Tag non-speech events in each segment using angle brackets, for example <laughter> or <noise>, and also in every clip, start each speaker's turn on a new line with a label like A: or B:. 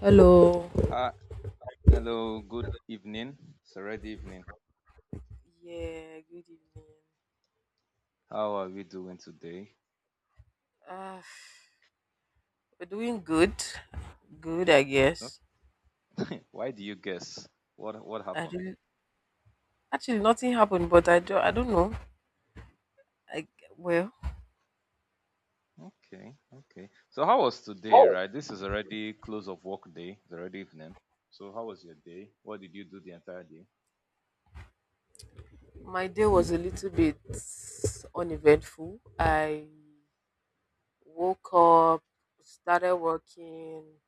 A: Hello.
B: Hi, hello, good evening. It's already evening.
A: Yeah, good evening.
B: How are we doing today?
A: Uh, we're doing good. Good, I
B: Huh?
A: guess.
B: <laughs> Why do you guess? What
A: I
B: happened?
A: really, Actually nothing happened, but I don't know. I well,
B: Okay, okay. So how was today, right? This is already close of work day. It's already evening. So how was your day? What did you do the entire day?
A: my day was a little bit uneventful. I woke up, started working.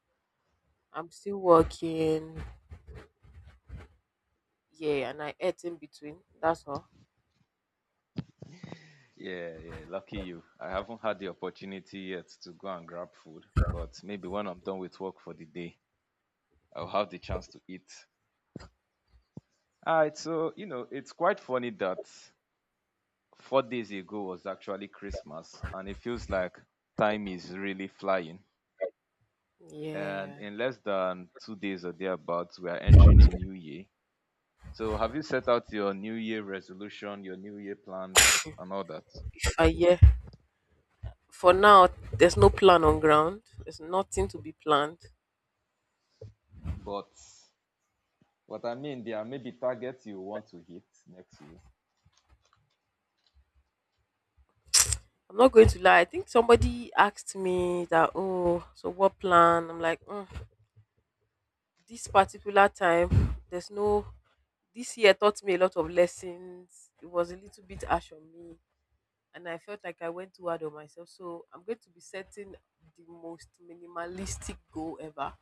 A: I'm still working. Yeah, and I ate in between. That's all.
B: Yeah, yeah, lucky you. I haven't had the opportunity yet to go and grab food, but maybe when I'm done with work for the day, I'll have the chance to eat. All right, so you know, it's quite funny that 4 days ago was actually Christmas, and it feels like time is really flying. And
A: Yeah.
B: in less than 2 days or thereabouts, we are entering a new year. So, have you set out your new year resolution, your new year plans, and all that?
A: If I Yeah. For now, there's no plan on ground. There's nothing to be planned.
B: But what I mean, there are maybe targets you want to hit next year,
A: I'm not going to lie. I think somebody asked me that, oh, so what plan? I'm like, this particular time, there's no. This year taught me a lot of lessons. It was a little bit harsh on me, and I felt like I went too hard on myself. So I'm going to be setting the most minimalistic goal ever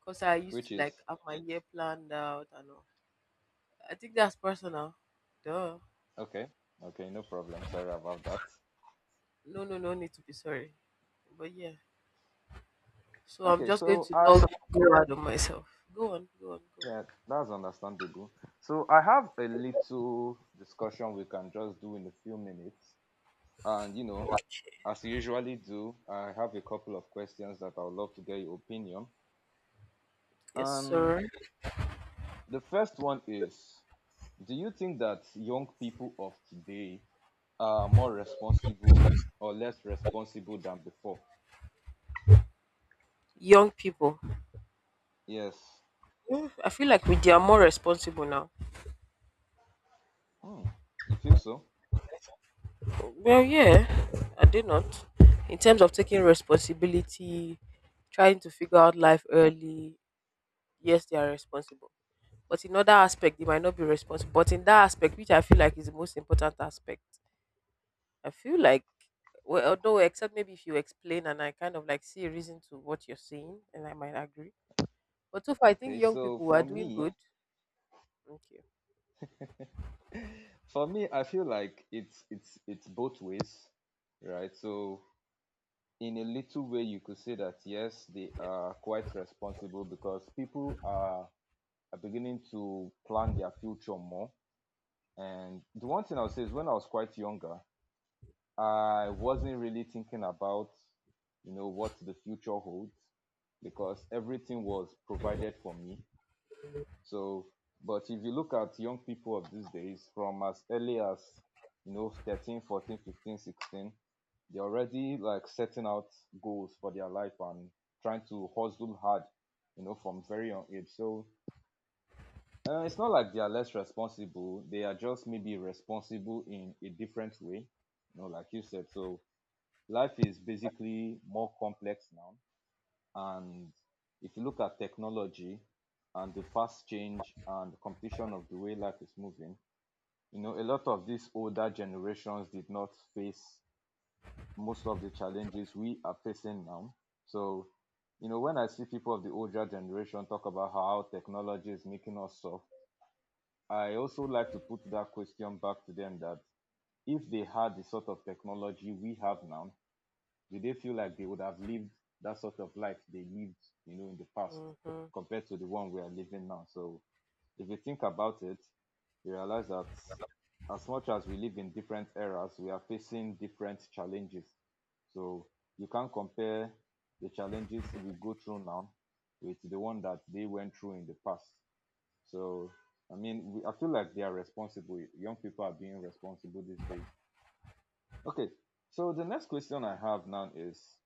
A: because I used
B: which
A: to like
B: is
A: have my year planned out and all. I think that's personal. Duh.
B: okay, okay, no problem. Sorry about that.
A: No, no, no need to be sorry. But yeah. So I'm
B: Okay,
A: just going
B: so
A: to
B: I,
A: log go out of myself. Go on, go on, go on.
B: yeah, that's understandable. So I have a little discussion we can just do in a few minutes. And you know, as you usually do, I have a couple of questions that I would love to get your opinion.
A: Yes,
B: Um,
A: sir.
B: the first one is, do you think that young people of today are more responsible or less responsible than before?
A: Young people.
B: Yes.
A: I feel like we they are more responsible now.
B: Hmm. You feel so?
A: Well, yeah, are they not? In terms of taking responsibility, trying to figure out life early, yes, they are responsible. But in other aspect, they might not be responsible. But in that aspect, which I feel like is the most important aspect, I feel like well, although except maybe if you explain and I kind of like see a reason to what you're saying, and I might agree. But so far, I think
B: Okay.
A: young people are doing good. Okay.
B: For me, I feel like it's both ways, right? So in a little way, you could say that yes, they are quite responsible because people are beginning to plan their future more. And the one thing I'll say is when I was quite younger, I wasn't really thinking about, you know, what the future holds because everything was provided for me. So, but if you look at young people of these days from as early as, you know, 13, 14, 15, 16, they're already like setting out goals for their life and trying to hustle hard, you know, from very young age. So it's not like they are less responsible. They are just maybe responsible in a different way. You know, like you said. So life is basically more complex now. And if you look at technology and the fast change and the competition of the way life is moving, you know, a lot of these older generations did not face most of the challenges we are facing now. So, you know, when I see people of the older generation talk about how technology is making us soft, I also like to put that question back to them that if they had the sort of technology we have now, do they feel like they would have lived that sort of life they lived, you know, in the past
A: Mm-hmm.
B: compared to the one we are living now? So if you think about it, you realize that as much as we live in different eras, we are facing different challenges. So you can't compare the challenges we go through now with the one that they went through in the past. So, I mean, we, I feel like they are responsible. Young people are being responsible these days. Okay, so the next question I have now is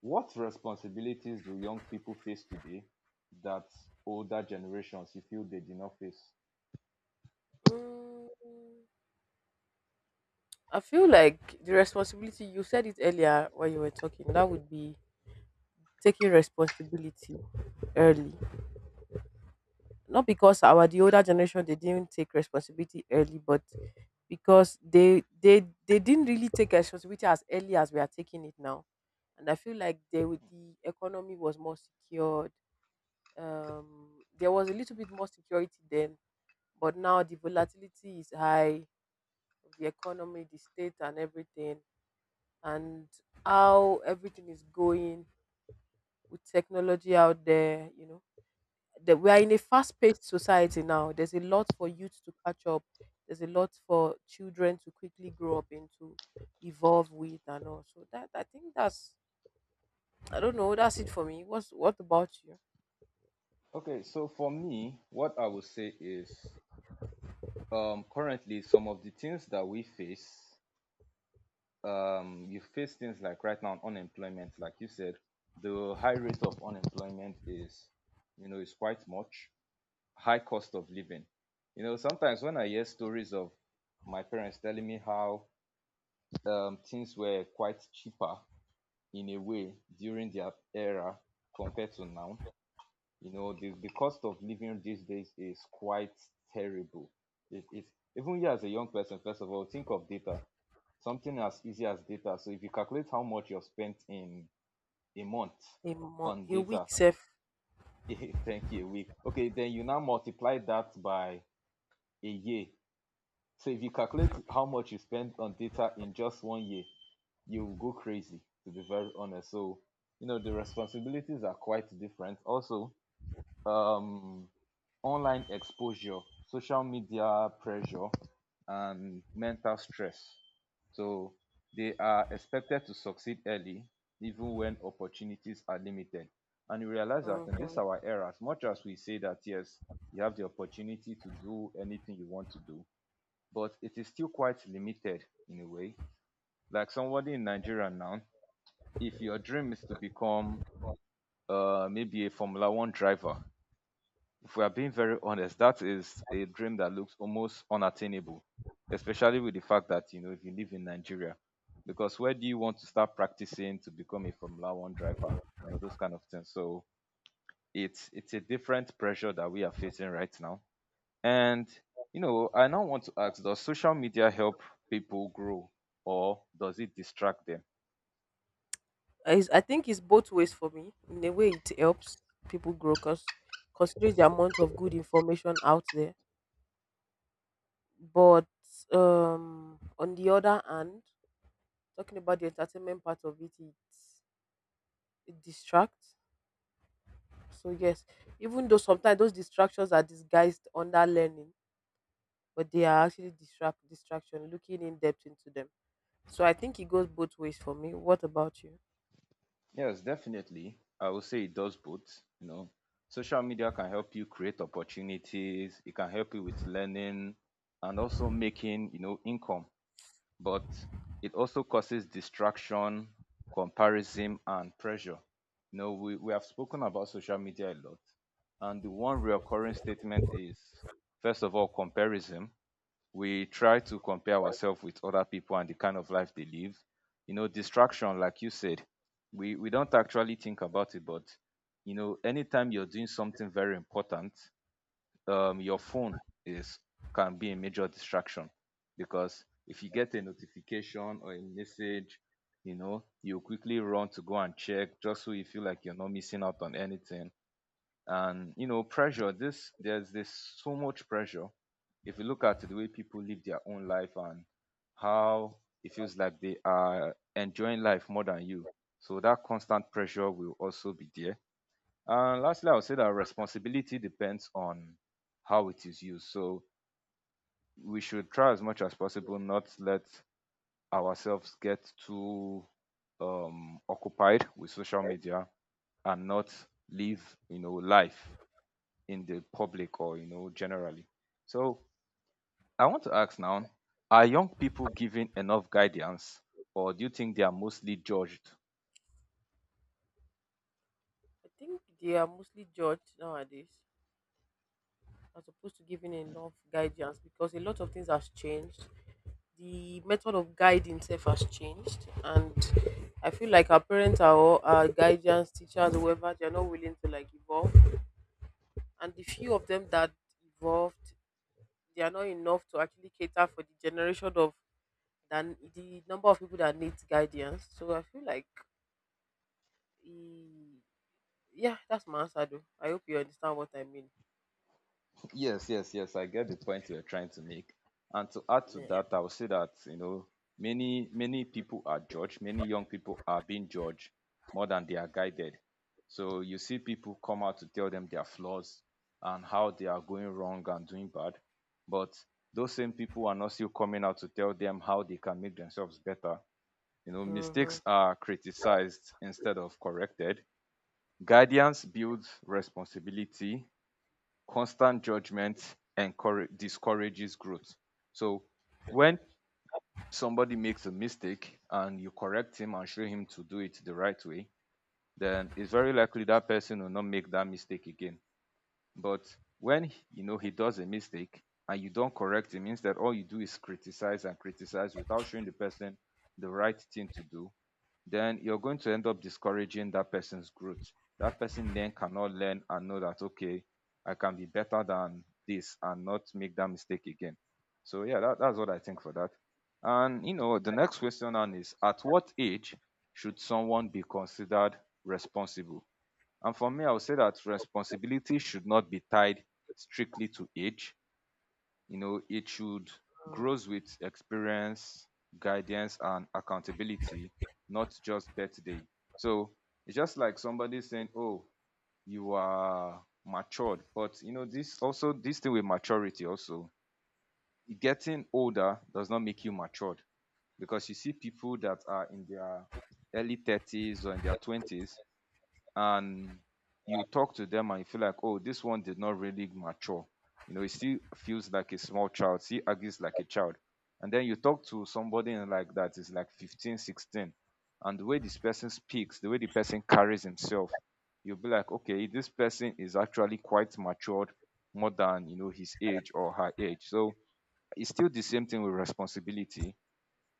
B: what responsibilities do young people face today that older generations you feel they did not face?
A: Mm, I feel like the responsibility, you said it earlier when you were talking, that would be taking responsibility early. Not because our the older generation they didn't take responsibility early, but because they didn't really take responsibility as early as we are taking it now. And I feel like they would the economy was more secured. There was a little bit more security then. But now the volatility is high of the economy, the state, and everything, and how everything is going with technology out there. You know, that we are in a fast-paced society now. There's a lot for youth to catch up. There's a lot for children to quickly grow up into, evolve with, and all. So that I think that's I don't know. That's it for me. What about you?
B: Okay, so for me, what I would say is currently some of the things that we face, you face things like right now unemployment, like you said, the high rate of unemployment is, you know, is quite much, high cost of living. You know, sometimes when I hear stories of my parents telling me how things were quite cheaper in a way during their era compared to now, you know, the cost of living these days is quite terrible. It's even you as a young person, first of all, think of data, something as easy as data. So if you calculate how much you've spent in a month
A: A mo-
B: on
A: a week,
B: data,
A: self.
B: <laughs> thank you, a week. Okay, then you now multiply that by a year. So if you calculate how much you spend on data in just 1 year, you will go crazy, to be very honest. So, you know, the responsibilities are quite different. Also, um, online exposure, social media pressure, and mental stress. So they are expected to succeed early, even when opportunities are limited. And you realize that in this
A: Mm-hmm.
B: our era, as much as we say that yes, you have the opportunity to do anything you want to do, but it is still quite limited in a way. Like somebody in Nigeria now, if your dream is to become maybe a Formula One driver, if we are being very honest, that is a dream that looks almost unattainable, especially with the fact that you know if you live in Nigeria, because where do you want to start practicing to become a Formula One driver? You know those kind of things. So it's a different pressure that we are facing right now. And you know, I now want to ask, does social media help people grow or does it distract them?
A: Is I think it's both ways for me. In a way, it helps people grow because considering the amount of good information out there. But on the other hand, talking about the entertainment part of it, it distracts. So yes, even though sometimes those distractions are disguised under learning, but they are actually distraction. Looking in depth into them. So I think it goes both ways for me. What about you?
B: Yes, definitely. I would say it does both, you know. Social media can help you create opportunities, it can help you with learning and also making, you know, income, but it also causes distraction, comparison and pressure. You know, we have spoken about social media a lot, and the one recurring statement is first of all comparison, we try to compare ourselves with other people and the kind of life they live. You know, distraction, like you said, we don't actually think about it, but you know, anytime you're doing something very important, your phone is can be a major distraction because if you get a notification or a message, you know, you quickly run to go and check just so you feel like you're not missing out on anything. And you know pressure this there's this so much pressure, if you look at the way people live their own life and how it feels like they are enjoying life more than you, so that constant pressure will also be there. And lastly I would say that responsibility depends on how it is used. So we should try as much as possible not let ourselves get too occupied with social media and not live, you know, life in the public or, you know, generally. So I want to ask now, are young people given enough guidance or do you think they are mostly judged?
A: I think they are mostly judged nowadays, as opposed to giving in love guidance because a lot of things has changed. The method of guiding itself has changed, and I feel like our parents are all our guidance teachers whoever, they're not willing to like evolve, and the few of them that evolved, they are not enough to actually cater for the generation of than the number of people that needs guidance. So I feel like e- yeah, that's my answer though. I hope you understand what I mean.
B: Yes, yes, yes. I get the point you're trying to make. And to add to
A: Yeah.
B: that, I would say that, you know, many, many people are judged, many young people are being judged more than they are guided. So you see people come out to tell them their flaws and how they are going wrong and doing bad. But those same people are not still coming out to tell them how they can make themselves better. You know,
A: Mm-hmm.
B: mistakes are criticized instead of corrected. Guidance builds responsibility, constant judgment encourage discourages growth. So when somebody makes a mistake and you correct him and show him to do it the right way, then it's very likely that person will not make that mistake again. But when, you know, he does a mistake and you don't correct him, instead all you do is criticize and criticize without showing the person the right thing to do, then you're going to end up discouraging that person's growth. That person then cannot learn and know that okay, I can be better than this and not make that mistake again. So yeah, that's what I think for that. And you know the next question on is at what age should someone be considered responsible? And for me, I would say that responsibility should not be tied strictly to age. You know, it should grows with experience, guidance, and accountability, not just birthday. So it's just like somebody saying, "Oh, you are matured," but you know, this also this thing with maturity also, getting older does not make you matured, because you see people that are in their early 30s or in their 20s and you talk to them and you feel like, oh, this one did not really mature. You know, he still feels like a small child, still argues like a child. And then you talk to somebody in like that is like 15, 16, and the way this person speaks, the way the person carries himself, you'll be like, okay, this person is actually quite matured more than you know his age or her age. So it's still the same thing with responsibility,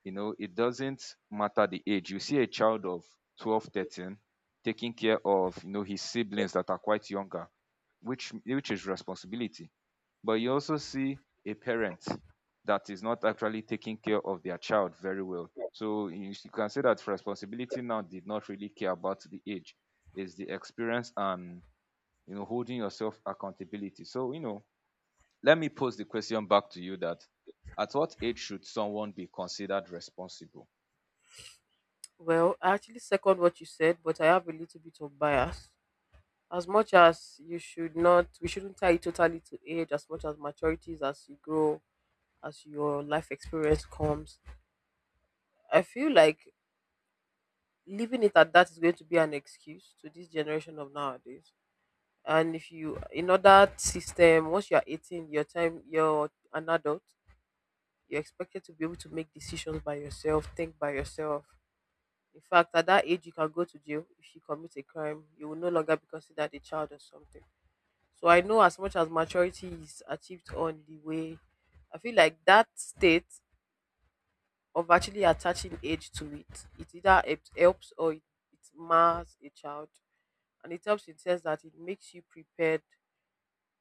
B: you know, it doesn't matter the age. You see a child of 12, 13 taking care of, you know, his siblings that are quite younger, which is responsibility. But you also see a parent that is not actually taking care of their child very well. So you s- you can say that responsibility now did not really care about the age. It's the experience and you know holding yourself accountability. So you know, let me pose the question back to you that at what age should someone be considered responsible?
A: Well, I actually second what you said, but I have a little bit of bias. As much as you should not, we shouldn't tie it totally to age, as much as maturities as you grow, as your life experience comes. I feel like leaving it at that is going to be an excuse to this generation of nowadays. And if you, in other system, once you're 18, your time, you're an adult, you're expected to be able to make decisions by yourself, think by yourself. In fact, at that age, you can go to jail if you commit a crime. You will no longer be considered a child or something. So I know as much as maturity is achieved on the way, I feel like that state of actually attaching age to it, either it helps or it mars a child. And it helps in the sense that it makes you prepared.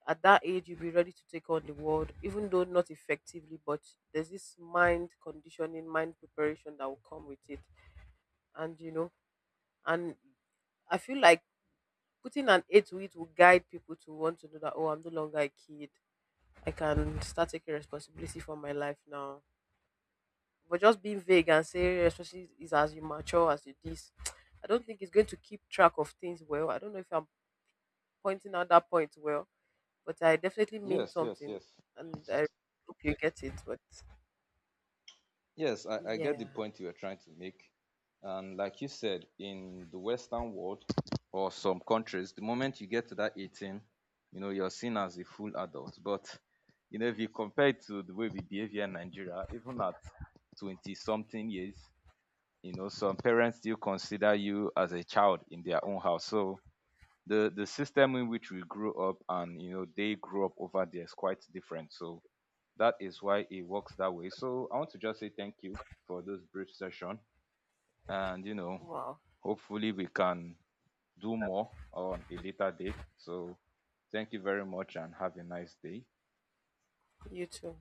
A: At that age, you'll be ready to take on the world, even though not effectively, but there's this mind conditioning, mind preparation that will come with it. And you know, and I feel like putting an age to it will guide people to want to know that, oh, I'm no longer a kid. I can start taking responsibility for my life now. But just being vague and say especially is as you mature as you this, <tsk> I don't think it's going to keep track of things well. I don't know if I'm pointing out that point well, but I definitely mean
B: Yes, yes,
A: something
B: yes.
A: and I hope you get it. But
B: Yes, I get the
A: yeah.
B: point you are trying to make. And like you said, in the Western world or some countries, the moment you get to that 18, you know, you're seen as a full adult. But, you know, if you compare it to the way we behave here in Nigeria, even at 20 something years, you know, some parents still consider you as a child in their own house. So the system in which we grew up and, you know, they grew up over there is quite different. So, that is why it works that way. So I want to just say thank you for this brief session. And, you know,
A: Wow.
B: hopefully we can do more on a later date. So thank you very much and have a nice day.
A: You too.